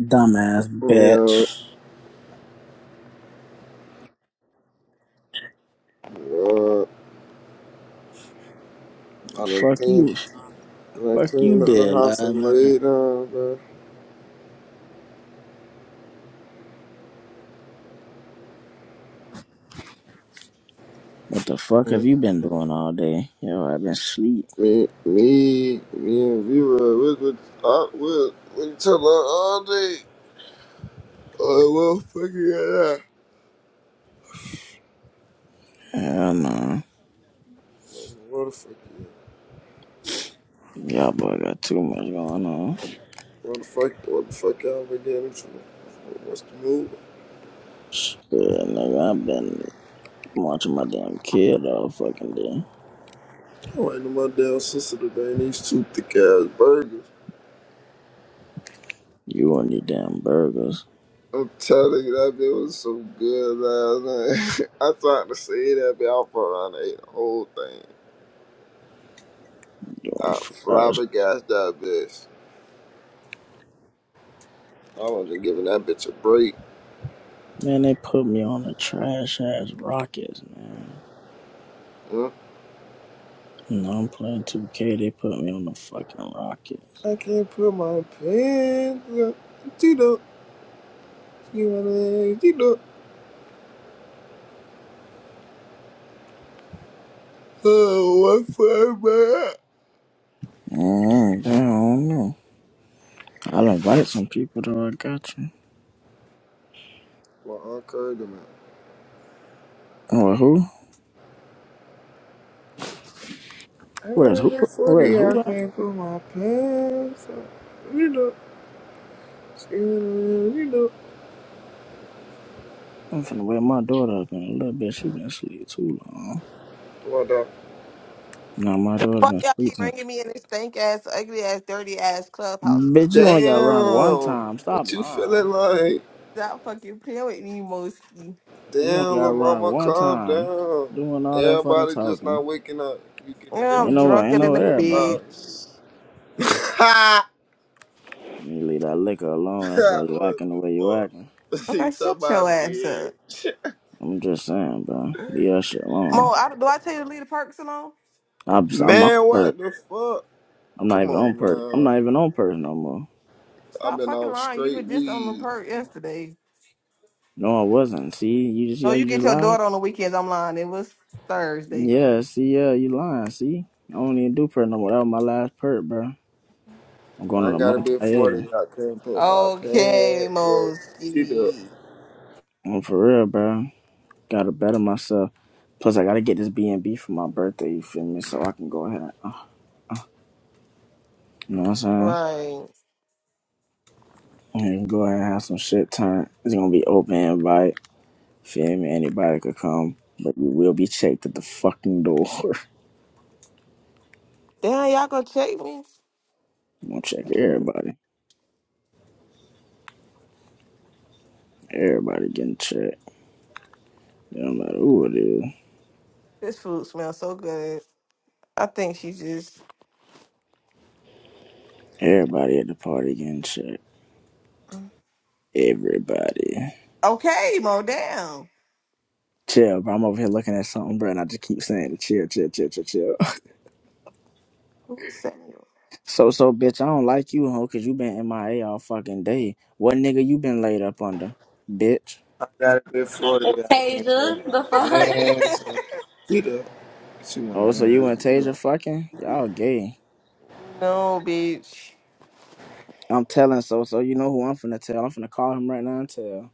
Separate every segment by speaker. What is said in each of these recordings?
Speaker 1: Dumbass
Speaker 2: Yeah,
Speaker 1: bitch.
Speaker 2: uh, I done
Speaker 1: Fuck
Speaker 2: clean.
Speaker 1: you.
Speaker 2: I done
Speaker 1: Fuck you
Speaker 2: cleaned up the
Speaker 1: did
Speaker 2: house
Speaker 1: last
Speaker 2: and
Speaker 1: night.
Speaker 2: laid down, bro.
Speaker 1: What the fuck have
Speaker 2: And
Speaker 1: you been doing all day? Yo, I've been sleep.
Speaker 2: Me, me, me and Vera, we could, uh, with, we each other all day. Oh, what the fuck you at?
Speaker 1: Hell no.
Speaker 2: What the fuck you at?
Speaker 1: Y'all boy got too much going on.
Speaker 2: What the fuck, what the fuck y'all been getting into? What's the move?
Speaker 1: Yeah, nigga, I've been watching my damn kid all fucking day.
Speaker 2: I'm waiting on my damn sister today and these two thick ass burgers.
Speaker 1: You want these damn burgers.
Speaker 2: I'm telling you, that bit was so good last night. I tried to say that bit, I fucked around and ate the whole thing.
Speaker 1: Doing
Speaker 2: I
Speaker 1: fries.
Speaker 2: flabbergasted that bitch. I wasn't giving that bitch a break.
Speaker 1: Man, they put me on the trash ass Rockets, man.
Speaker 2: Huh?
Speaker 1: No, I'm playing 2K. They put me on the fucking Rockets.
Speaker 2: I can't put my pants up. You know, you know, you know. Oh, what for, man?
Speaker 1: Mm, I don't know. I done invited some people though. I got you.
Speaker 2: Well, I encouraged him. out.
Speaker 1: Oh, who?
Speaker 2: I got
Speaker 1: Where's
Speaker 2: to
Speaker 1: who?
Speaker 2: be
Speaker 1: Where's
Speaker 2: 40, I
Speaker 1: who? at?
Speaker 2: can't put my pants up. You know, you know, you know.
Speaker 1: I'm finna wake my daughter up in a little bit. She been asleep too long.
Speaker 2: What the?
Speaker 1: No, my daughter
Speaker 3: Fuck
Speaker 1: been
Speaker 3: y'all
Speaker 1: asleep
Speaker 3: keep
Speaker 1: since.
Speaker 3: ringing me in this stank ass, ugly ass, dirty ass clubhouse. Fuck.
Speaker 1: Bitch, you only got rung one
Speaker 2: Damn!
Speaker 1: time. Stop
Speaker 2: What you
Speaker 1: lying.
Speaker 2: feeling like?
Speaker 3: Stop fucking playing with me, mostly.
Speaker 1: You only
Speaker 2: Damn,
Speaker 1: got
Speaker 2: La
Speaker 1: rung
Speaker 2: mama,
Speaker 1: one
Speaker 2: calm
Speaker 1: time.
Speaker 2: down.
Speaker 1: Doing all that fucking
Speaker 2: Everybody just not
Speaker 1: talking.
Speaker 2: waking up. You getting this
Speaker 3: Yeah,
Speaker 1: Ain't
Speaker 3: I'm
Speaker 2: bitch
Speaker 1: no, ain't
Speaker 3: drunker
Speaker 1: no
Speaker 3: than a
Speaker 2: moving and
Speaker 1: everybody.
Speaker 2: out.
Speaker 3: bitch.
Speaker 1: You leave that liquor alone. That's why you
Speaker 2: what
Speaker 1: acting the
Speaker 2: the
Speaker 1: way you acting.
Speaker 2: fuck?
Speaker 3: Okay,
Speaker 2: He took
Speaker 3: shut
Speaker 2: my
Speaker 3: your ass
Speaker 2: beard.
Speaker 3: up.
Speaker 1: I'm just saying, bro. Leave that shit alone.
Speaker 3: Mo, I, do I tell you to leave the perks alone?
Speaker 1: I'm, I'm on
Speaker 2: Man, what
Speaker 1: perk.
Speaker 2: the fuck?
Speaker 1: I'm not
Speaker 2: Come
Speaker 1: even on
Speaker 2: on,
Speaker 1: perk. I'm
Speaker 2: man.
Speaker 1: not even on perk no more.
Speaker 2: I've
Speaker 3: Stop
Speaker 2: been
Speaker 3: fucking
Speaker 2: on
Speaker 3: lying. You were
Speaker 2: straight
Speaker 3: just on the
Speaker 2: weed.
Speaker 3: perk yesterday.
Speaker 1: No, I wasn't. See, you just see
Speaker 3: No,
Speaker 1: how
Speaker 3: you
Speaker 1: you just
Speaker 3: get your
Speaker 1: lied.
Speaker 3: daughter on the weekends. I'm lying. It was Thursday.
Speaker 1: Yeah, see, yeah, you lying. See, I don't even do perp no more. That was my last perp, bro. I'm going
Speaker 2: I
Speaker 1: on
Speaker 2: ain't
Speaker 1: a
Speaker 2: got a
Speaker 1: multi
Speaker 2: bit
Speaker 3: Okay.
Speaker 2: 40.
Speaker 1: editing.
Speaker 2: I can't put my
Speaker 3: Okay,
Speaker 2: pants up. See the
Speaker 3: mostly.
Speaker 1: I'm for real, bro. Gotta better myself. Plus, I gotta get this B and B for my birthday. You feel me? So I can go ahead. And, you know what I'm saying?
Speaker 3: Right.
Speaker 1: I can go ahead and have some shit turn. It's gonna be open invite. Feel me? Anybody could come, but you will be checked at the fucking door.
Speaker 3: Damn, y'all gonna check me?
Speaker 1: I'm gonna check everybody. Everybody getting checked. It don't matter who it is.
Speaker 3: This food smells so good. I think she just
Speaker 1: Everybody at the party getting shit. Everybody.
Speaker 3: Okay, Mo down.
Speaker 1: Chill, bro. I'm over here looking at something, bro, and I just keep saying, chill, chill, chill, chill, chill.
Speaker 3: Who was Samuel?
Speaker 1: So, so, bitch, I don't like you, hoe, because you been MIA all fucking day. What nigga you been laid up under? Bitch.
Speaker 2: I got a bit 40. I can't
Speaker 4: Tasia,
Speaker 2: put my
Speaker 4: the fuck?
Speaker 2: pants up. See the She
Speaker 1: Oh, so you and
Speaker 2: wanna have.
Speaker 1: Tasia fucking? Y'all gay.
Speaker 3: no, bitch.
Speaker 1: I'm telling so, so you know who I'm finna tell. I'm finna call him right now and tell.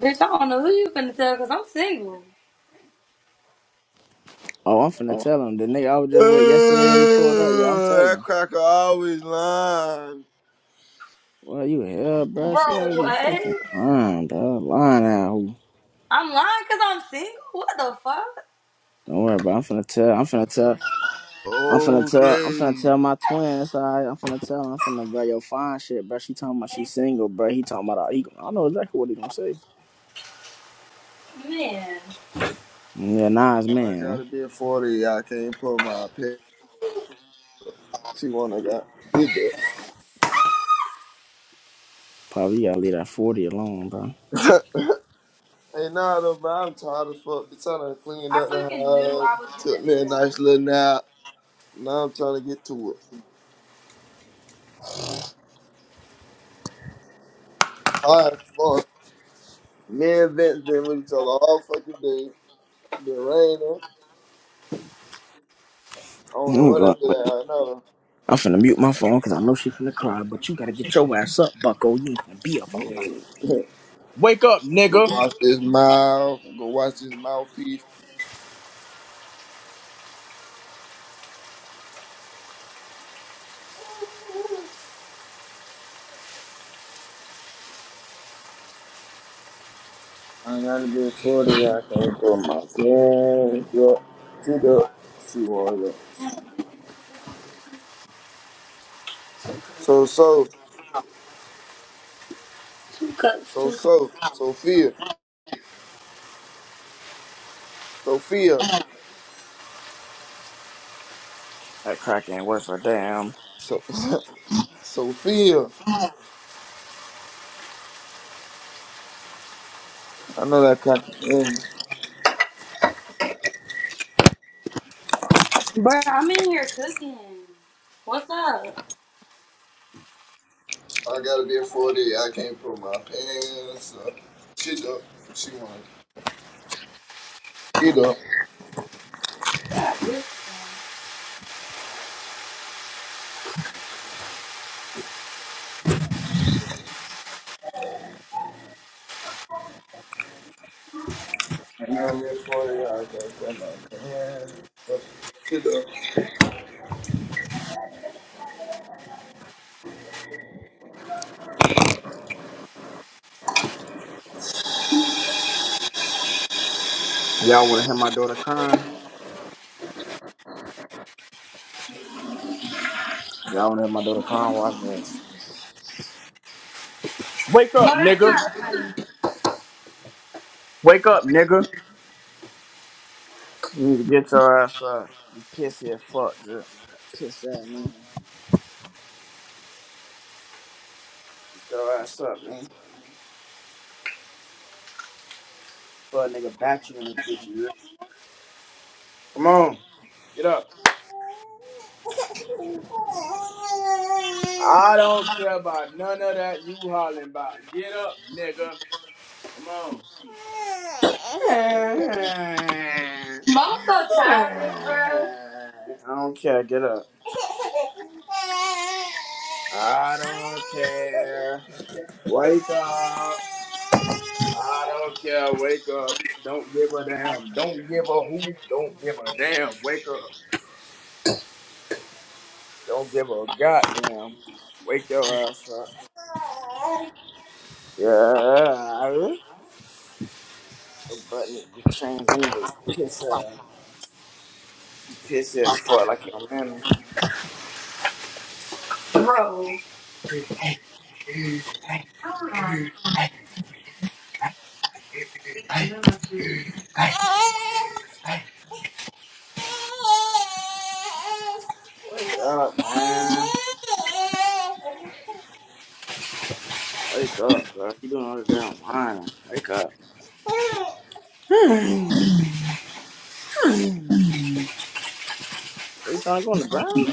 Speaker 4: Bitch, I don't know who you finna tell because I'm single.
Speaker 1: Oh, I'm finna tell him. The nigga I was just with yesterday and we pulled up. Yeah, I'm
Speaker 2: that
Speaker 1: telling.
Speaker 2: cracker always lying.
Speaker 1: Well, you hell, bro. She
Speaker 4: Bro,
Speaker 1: already be fucking
Speaker 4: what?
Speaker 1: lying, bro. Lying out.
Speaker 4: I'm lying because I'm single? What the fuck?
Speaker 1: Don't worry about. It. I'm finna tell. I'm finna tell. I'm finna tell. I'm finna
Speaker 2: Okay.
Speaker 1: tell my twin. It's all right. I'm finna tell. Him. I'm finna be like, yo, fine shit, bro. She talking about she's single, bro. He talking about. He, I know exactly what he gonna say.
Speaker 4: Man,
Speaker 1: Yeah, Nas
Speaker 2: I gotta
Speaker 1: man.
Speaker 2: be at 40. I can't put my pet. She wanna got did that.
Speaker 1: Probably you gotta leave that forty alone, bro.
Speaker 2: hey, nah, though, but I'm tired as fuck. Be trying to clean
Speaker 4: I
Speaker 2: up the
Speaker 4: fucking knew
Speaker 2: house.
Speaker 4: I was gonna
Speaker 2: Took me
Speaker 4: do
Speaker 2: a
Speaker 4: that.
Speaker 2: nice little nap. Now I'm trying to get to it. All right, fuck. Me and Vince been with each other all fucking day. Been raining. I don't know
Speaker 1: I'm
Speaker 2: what I
Speaker 1: going.
Speaker 2: did.
Speaker 1: I'm finna mute my phone because I know she finna cry. But you gotta get your ass up, Bucko. You ain't finna be up
Speaker 2: I
Speaker 1: all night.
Speaker 2: know.
Speaker 1: Wake up,
Speaker 2: Go
Speaker 1: nigga.
Speaker 2: watch this mouth. Go watch this mouthpiece. I gotta get I out there for my parents. Yo, she the she was up. So so
Speaker 4: Two cups,
Speaker 2: so
Speaker 4: two cups.
Speaker 2: so Sophia Sophia
Speaker 1: That crack ain't worth a damn.
Speaker 2: so Sophia. I know that cock. Mm.
Speaker 4: Bro, I'm in here cooking. What's up?
Speaker 2: I gotta be at forty. I can't put my pants up. She up. She wanna get up. I gotta be at forty. I can't put my pants up. Get up.
Speaker 1: Y'all wanna hear my daughter crying? Y'all wanna hear my daughter crying? Watch this. Wake up,
Speaker 4: No, that's
Speaker 1: nigga.
Speaker 4: not funny.
Speaker 1: Wake up, nigga. You need to get your ass up. You pissy as fuck, Drew. Piss at me. Get your ass up, man. Fuck nigga bat you in this bitch, you hear? Come on. Get up. I don't care about none of that you hollering about. Get up, nigga. Come on. I
Speaker 4: Mom's so childish, bro.
Speaker 1: don't care. Get up. I don't care. Wake up. I don't care. Wake up. Don't give a damn. Don't give a who. Don't give a damn. Wake up. Don't give a goddamn. Wake your ass up. Yeah. But you changed anyway. Piss uh piss that fuck like your mammy.
Speaker 4: Bro.
Speaker 1: Wake up, man. Wake up, bro. You doing all the damn whining. Wake up. Hmm. What, you trying to go on the ground?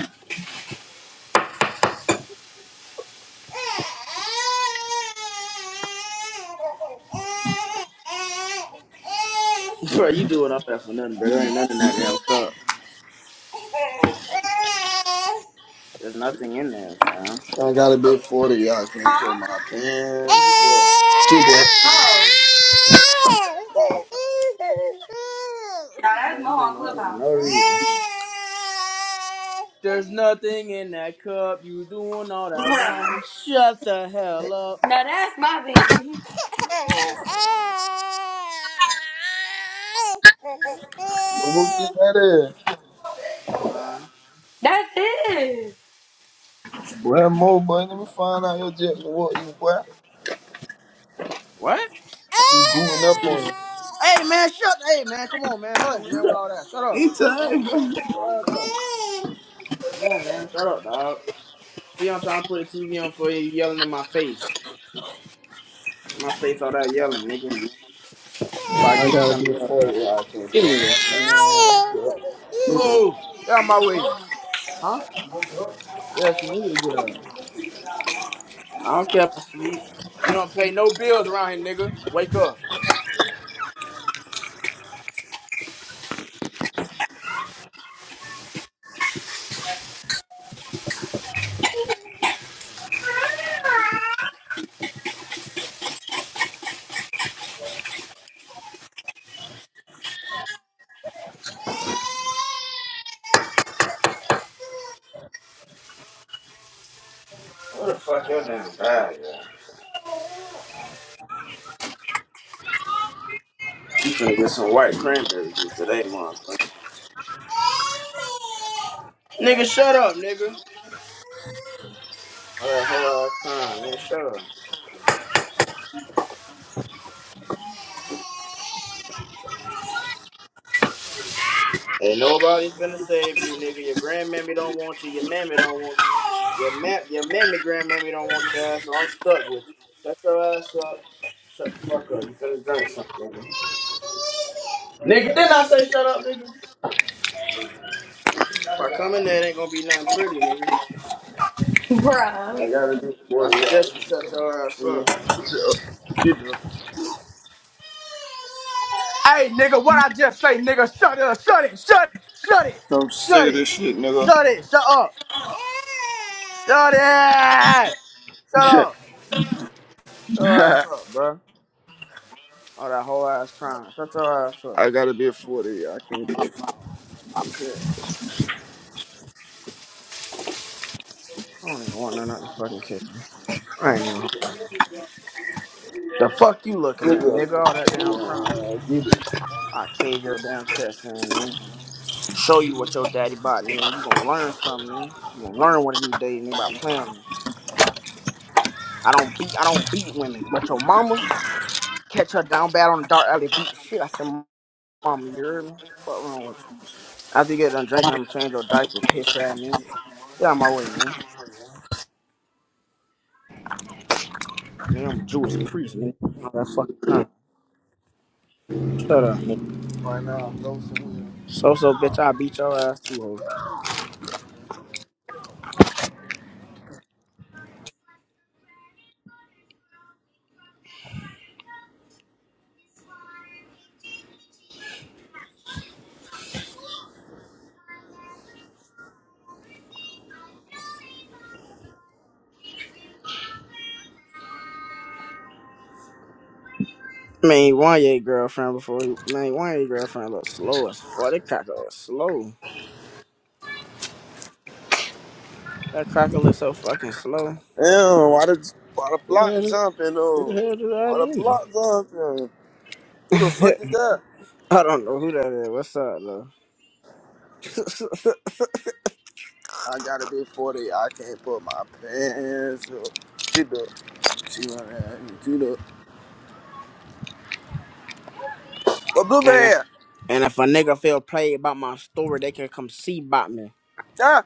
Speaker 1: bro, you doing all that for nothing, bro. There ain't nothing in that damn cup. There's nothing in there, fam.
Speaker 2: I gotta be at forty. I can't put
Speaker 4: Huh?
Speaker 2: my pants up. Get up.
Speaker 4: Oh. Now
Speaker 1: Bro,
Speaker 4: that's
Speaker 1: you
Speaker 4: Mo
Speaker 1: doing
Speaker 4: on
Speaker 1: all that for no
Speaker 4: Clubhouse.
Speaker 1: reason. There's nothing in that cup. You doing all that whining.
Speaker 4: Bruh.
Speaker 1: Shut the hell up.
Speaker 4: Now that's my baby.
Speaker 2: Well, who think that is?
Speaker 1: Man.
Speaker 4: That's it.
Speaker 2: Boy, Mo, boy, let me find out your jack and what you, boy.
Speaker 1: What?
Speaker 2: She booting up on you.
Speaker 1: Hey man, shut hey man, come on man, hush man with all that. Shut up. Damn.
Speaker 2: Anytime, man.
Speaker 1: Shut up. Come on, man. Shut up, dog. See, I'm trying to put the TV on for you, yelling in my face. My face, all that yelling, nigga. If I give
Speaker 2: I
Speaker 1: you
Speaker 2: gotta be a
Speaker 1: something else, dog.
Speaker 2: 40 out here,
Speaker 1: Give me
Speaker 2: bro. My
Speaker 1: this, nigga.
Speaker 2: pants up. Get
Speaker 1: Whoa!
Speaker 2: up.
Speaker 1: Get out my way. Huh? Yeah, she need to get up. I don't care if I sleep. You don't pay no bills around here, nigga. Wake up. What the fuck your damn bad, yeah? You finna get some white cranberry juice today, motherfucker. Nigga, shut up, nigga. All that whole ass time, nigga, shut up. Ain't nobody finna save you, nigga. Your grandmammy don't want you. Your mammy don't want you. Your ma- your mammy grandmammy don't want your ass, so I'm stuck with you. Shut your ass up. Shut the fuck up. You finna drink something, nigga. Nigga, didn't I say shut up, nigga? If I come in there, it ain't gonna be nothing pretty, nigga.
Speaker 4: Bruh.
Speaker 2: I gotta be a
Speaker 1: I
Speaker 2: 40 out
Speaker 1: suggest you shut your ass up.
Speaker 2: here. Get up.
Speaker 1: Hey, nigga, what I just say, nigga? Shut up, shut it, shut it, shut it,
Speaker 2: I'm sick
Speaker 1: shut
Speaker 2: of
Speaker 1: it,
Speaker 2: this shit, nigga.
Speaker 1: shut it, shut up, shut it, shut up. Shut your ass up, bro. All that whole ass crying. Shut your ass up.
Speaker 2: I gotta be a 40. I can't go.
Speaker 1: I don't even want none of this fucking kitchen. I ain't even. The fuck you looking
Speaker 2: Get
Speaker 1: at, nigga?
Speaker 2: up.
Speaker 1: All that damn crying.
Speaker 2: Uh, Get it.
Speaker 1: I cave your damn chest in, nigga. Show you what your daddy bought, nigga. You gonna learn something, nigga. You gonna learn one of these days, nigga, by playing with me. I don't beat, I don't beat women, but your mama. Catch her down bad on the dark alley, beat the shit out your mom. You heard me? Fuck wrong with you? After you get done drinking, I'm change your diaper, piss out, man. Get out of my way, man. Nigga, I'm a Jewish priest, man. All that fucking time. Shut up, man.
Speaker 2: Right now, I'm dosing.
Speaker 1: So so, bitch, I beat your ass too, ho. Man, one your girlfriend before you. Man, one your girlfriend look slow as fuck. That cracker was slow. That cracker look so fucking slow.
Speaker 2: Damn, why the, why the
Speaker 1: Who the
Speaker 2: block
Speaker 1: hell is?
Speaker 2: jumping,
Speaker 1: Who the
Speaker 2: though?
Speaker 1: hell did that
Speaker 2: Why
Speaker 1: to
Speaker 2: the block
Speaker 1: me?
Speaker 2: jumping? Who the fuck is that?
Speaker 1: I don't know who that is. What's up, though?
Speaker 2: I gotta be 40. I can't put my pants up. She do. She wanna she do. But blue
Speaker 1: And if.
Speaker 2: bear.
Speaker 1: And if a nigga feel played about my story, they can come see about me.
Speaker 2: Yeah.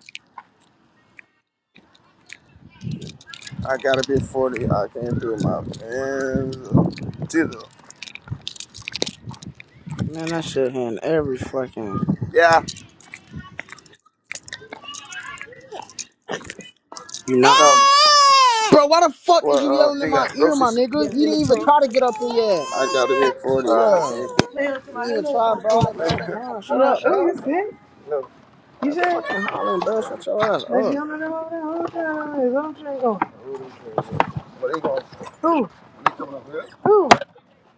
Speaker 2: I gotta be 40. I can't do my pants up. She do.
Speaker 1: Man, that shit in every fucking
Speaker 2: Yeah.
Speaker 1: you know.
Speaker 2: No.
Speaker 1: Bro, why the fuck is
Speaker 2: Well,
Speaker 1: you
Speaker 2: uh,
Speaker 1: yelling in
Speaker 2: she
Speaker 1: my
Speaker 2: got
Speaker 1: ear, my
Speaker 2: groceries. Yeah,
Speaker 1: nigga?
Speaker 2: in
Speaker 1: You
Speaker 2: the
Speaker 1: didn't even
Speaker 2: trunk.
Speaker 1: try to get up in yet.
Speaker 2: I gotta be 40. I
Speaker 1: Bro.
Speaker 2: can't put. Man, to
Speaker 1: You
Speaker 2: my
Speaker 1: didn't even
Speaker 2: hello
Speaker 1: try, bro.
Speaker 2: phone.
Speaker 1: That damn con. Shut
Speaker 2: Yeah.
Speaker 1: up,
Speaker 2: Oh,
Speaker 1: bro.
Speaker 2: you see? No. You
Speaker 1: That
Speaker 2: said
Speaker 1: fucking hollering, bro. Shut your ass
Speaker 2: that's
Speaker 1: up.
Speaker 2: younger than all that whole time. It's all drink. Oh. What are you going? Who? You coming up here? Who?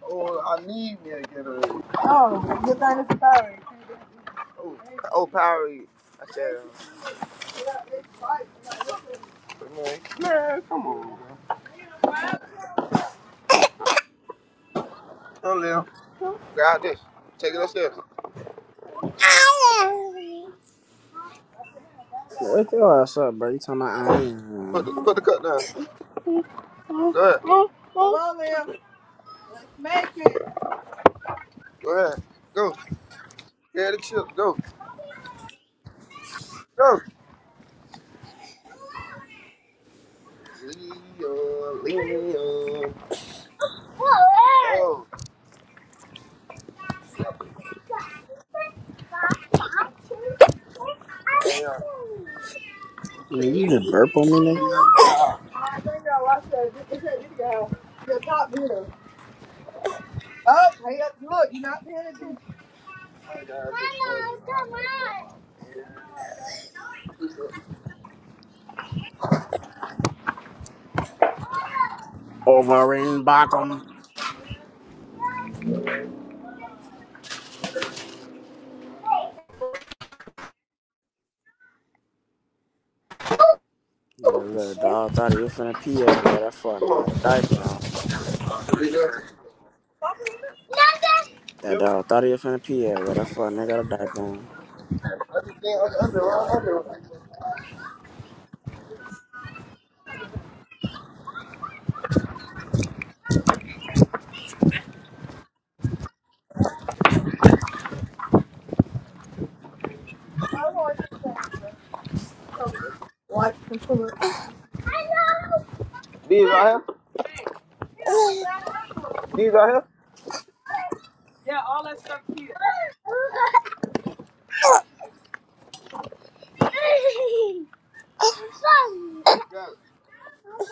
Speaker 2: Oh, I need me a Gatorade. Oh, good thing it's a Powerade. Oh, oh, Powerade. I said, man, man, come on. man. Come on, Lil. Grab this. Take it upstairs.
Speaker 1: Wake your ass up, bro. You talking about I
Speaker 2: Put
Speaker 1: am.
Speaker 2: the, put the cup down. Go ahead. Come on, Lil. Let's make it. Go ahead. Go. Yeah, the chip. Go. Go. Leo, Leo. Go. Oh, yeah.
Speaker 1: Nigga, You
Speaker 2: Okay. Yeah.
Speaker 1: just burp on me, nigga.
Speaker 2: I think I watched that vi- that video. The top hitter. Oh, hey, up, look, you're not paying attention. Hello,
Speaker 1: Over in Bacchum. Yeah, look, dog thought he was finna pee at where that fuck
Speaker 2: Come
Speaker 1: nigga
Speaker 2: on.
Speaker 1: got a
Speaker 2: Oh,
Speaker 1: diaper on.
Speaker 2: Video. Stop it.
Speaker 1: That
Speaker 2: Yep.
Speaker 1: dog thought he was finna pee at where that fuck nigga got a diaper on.
Speaker 2: Yeah, I'll, I'll under. I will do i do not want to do that. Watch the foot. Hello. These are here? Hey, you know, we got the other one. These are here? Yeah, all that stuff here. it's funny. Yeah. Look,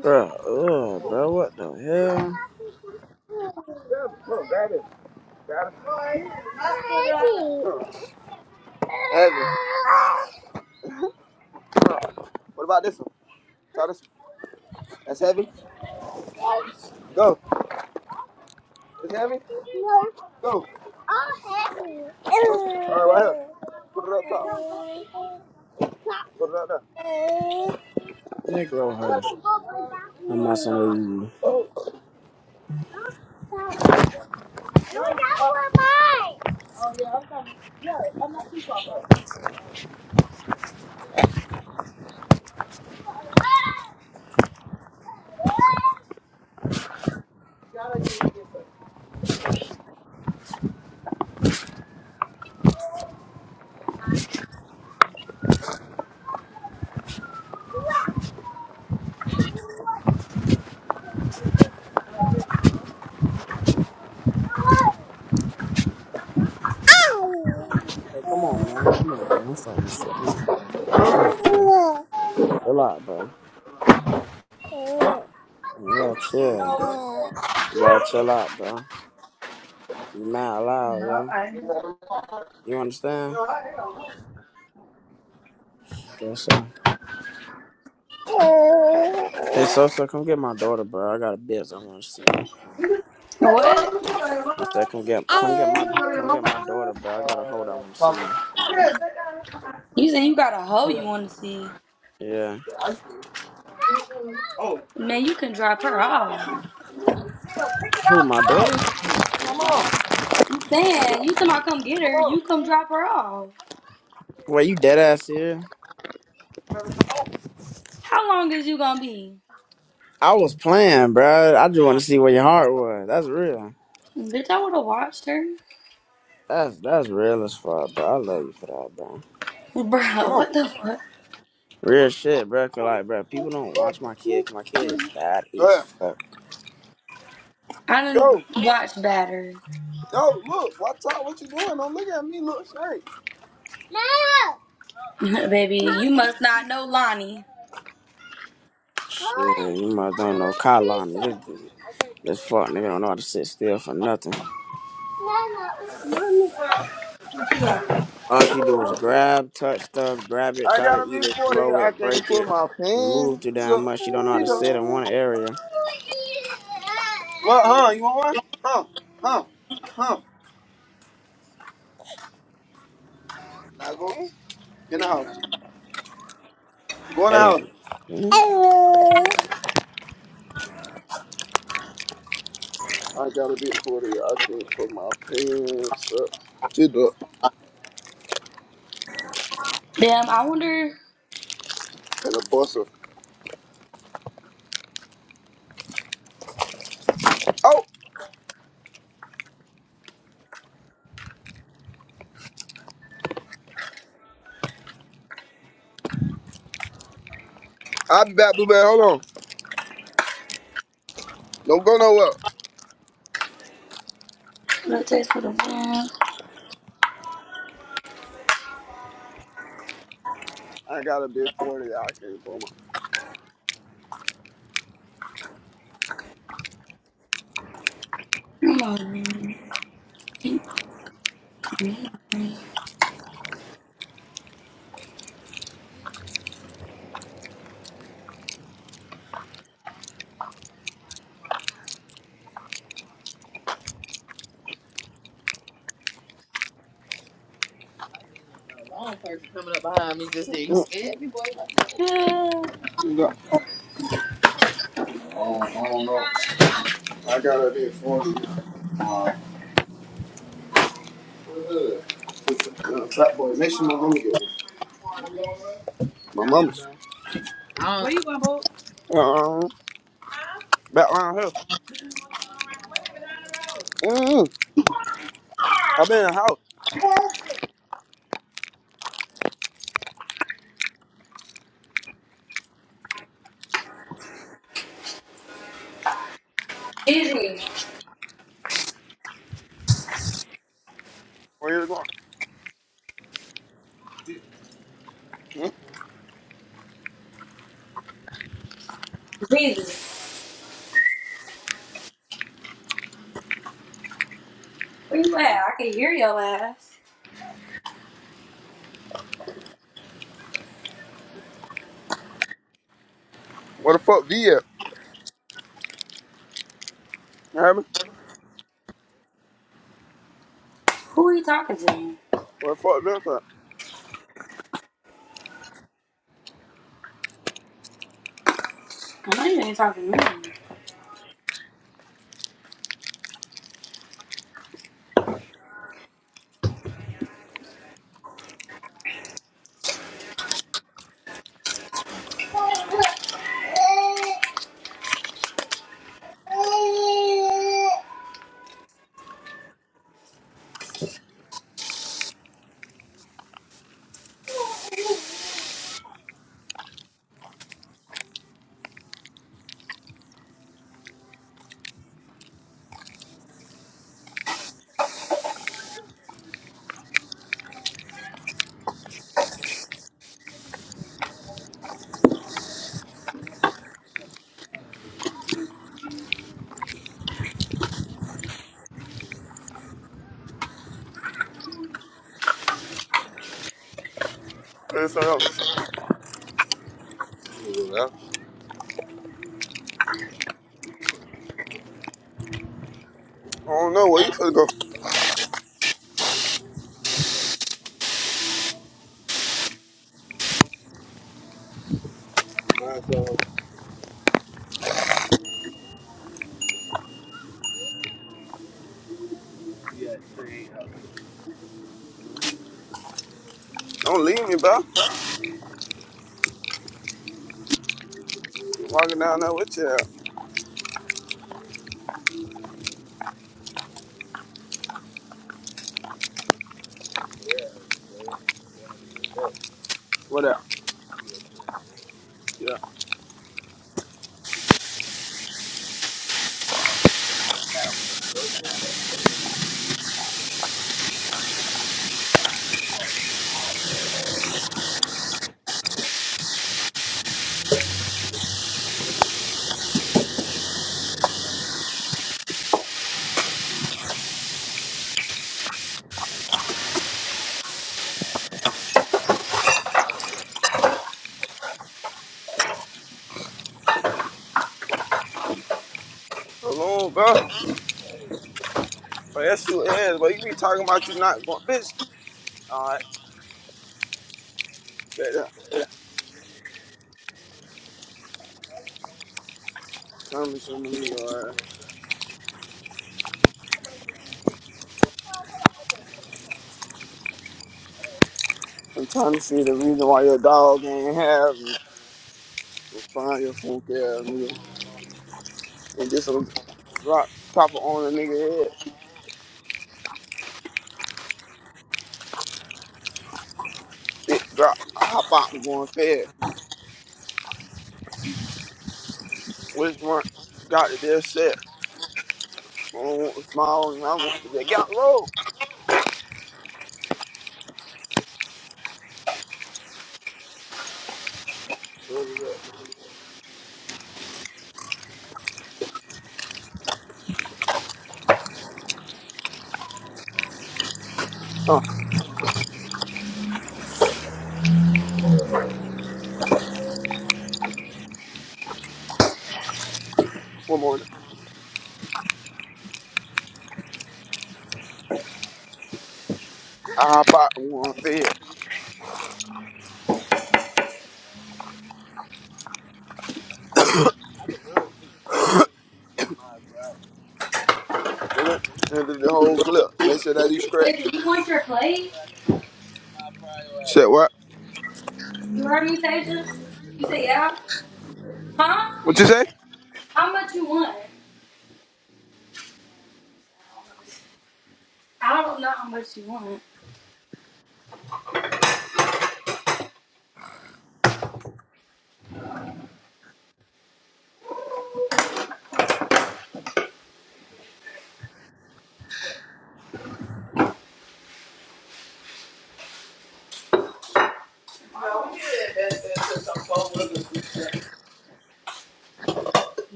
Speaker 1: Bro, ugh, bro, what the hell?
Speaker 2: grab it. Grab it. Heavy. What about this one? Try this one. That's heavy? Go. It's heavy? No. Go. All heavy. Go. All right, right here. Put it up top. Put it up there.
Speaker 1: Negro
Speaker 2: No,
Speaker 1: hush. I'm not somewhere you.
Speaker 2: that one mine. Oh, yeah, I'm going to go. I'm going to keep up. Come
Speaker 1: Hey, come on, man. Come on, man. I'm starting this shit. Come on. Chill out, bro. Chill out, bro. Yeah, chill. You gotta chill out, bro. You mad loud, yo. You understand? Guess so. Hey, so so, come get my daughter, bro. I got a biz. I want to see me.
Speaker 4: What?
Speaker 1: I said, come get, come get my, come get my daughter, bro. I got a hold. I want to see me.
Speaker 4: You saying you got a hoe you want to see?
Speaker 1: Yeah.
Speaker 4: Man, you can drop her off.
Speaker 1: Who, my daughter?
Speaker 4: I'm saying you somehow come get her. You come drop her off.
Speaker 1: Wait, you dead ass here?
Speaker 4: How long is you gonna be?
Speaker 1: I was playing, bro. I just want to see where your heart was. That's real.
Speaker 4: Bitch, I would have watched her.
Speaker 1: That's that's real as fuck, bro. I love you for that, bro.
Speaker 4: Bruh,
Speaker 2: on.
Speaker 4: what the fuck?
Speaker 1: Real shit, bro. 'Cause, like, bro, people don't watch my kid. 'cause my kid is bad
Speaker 2: Go
Speaker 1: as
Speaker 2: ahead.
Speaker 1: fuck.
Speaker 4: I didn't
Speaker 2: Go.
Speaker 4: watch Batter.
Speaker 2: Yo, look. What's up? What you doing? Don't look at me. Look straight. No.
Speaker 4: Baby,
Speaker 2: No.
Speaker 4: you must not know Lonnie.
Speaker 2: I'm
Speaker 1: Shit, you must don't know
Speaker 2: want a
Speaker 1: Kalani.
Speaker 2: pizza.
Speaker 1: This
Speaker 2: Okay.
Speaker 1: this fuck nigga don't know how to sit still for nothing.
Speaker 2: No, no.
Speaker 1: All she do is grab, touch stuff, grab it,
Speaker 2: I
Speaker 1: try to
Speaker 2: gotta
Speaker 1: eat
Speaker 2: be
Speaker 1: it,
Speaker 2: 40.
Speaker 1: throw
Speaker 2: I
Speaker 1: it,
Speaker 2: can't
Speaker 1: break
Speaker 2: put
Speaker 1: it,
Speaker 2: my
Speaker 1: move too
Speaker 2: pants
Speaker 1: damn
Speaker 2: up.
Speaker 1: much. She don't know how
Speaker 2: She
Speaker 1: to
Speaker 2: go,
Speaker 1: sit in one area.
Speaker 2: What, huh? You want one? Huh? Huh? Huh? Now go in the house. Go in the house.
Speaker 1: Hey,
Speaker 2: I gotta be 40. I can't put my pants up. She do
Speaker 4: Damn, I wonder.
Speaker 2: and a buster. Oh, I'll be back, Blueberry. Hold on. Don't go nowhere.
Speaker 4: Let's taste for the man.
Speaker 2: I gotta be 40. I can't put my pants up.
Speaker 4: Come on, man.
Speaker 2: Oh, I don't know. I gotta be 40. Uh, uh, fat boy. Make sure my mama get one. My mama. Uh, back around here. Mm, i been in the house.
Speaker 4: Jesus,
Speaker 2: Where you going? Mm,
Speaker 4: Jesus, where you at? I can hear your ass.
Speaker 2: where the fuck V at? You hear me?
Speaker 4: Who are you talking to?
Speaker 2: Where the fuck this at?
Speaker 4: I know you ain't talking to me.
Speaker 2: Hey, son, yo. I don't know. Where you finna go? Don't leave me, bro. Walking down there with you. Yeah. Alone, bro. But that's your ass. But you be talking about you not going, bitch. All right, bet that. Promise me I'm leave your I'm trying to see the reason why your dog ain't have me. Go find your funky ass, nigga. And just a rock chopper on the nigga head. Big drop, I hop out and go and fed. Which one got to be a set? I don't want the small one, I want the big. Got roll. One morning, I hop out and go and fed. Send it the whole clip. Make sure that he scratch.
Speaker 4: Tasia, you want your plate?
Speaker 2: Said what?
Speaker 4: You heard me, Tasia? You say yeah? Huh?
Speaker 2: What you say?
Speaker 4: How much you want? I don't know how much you want.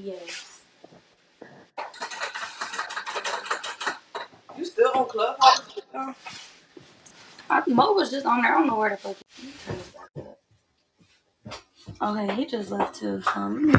Speaker 4: Yes. You still on Clubhouse? I, Mo was just on there. I don't know where the fuck. Okay, he just left too. So. let me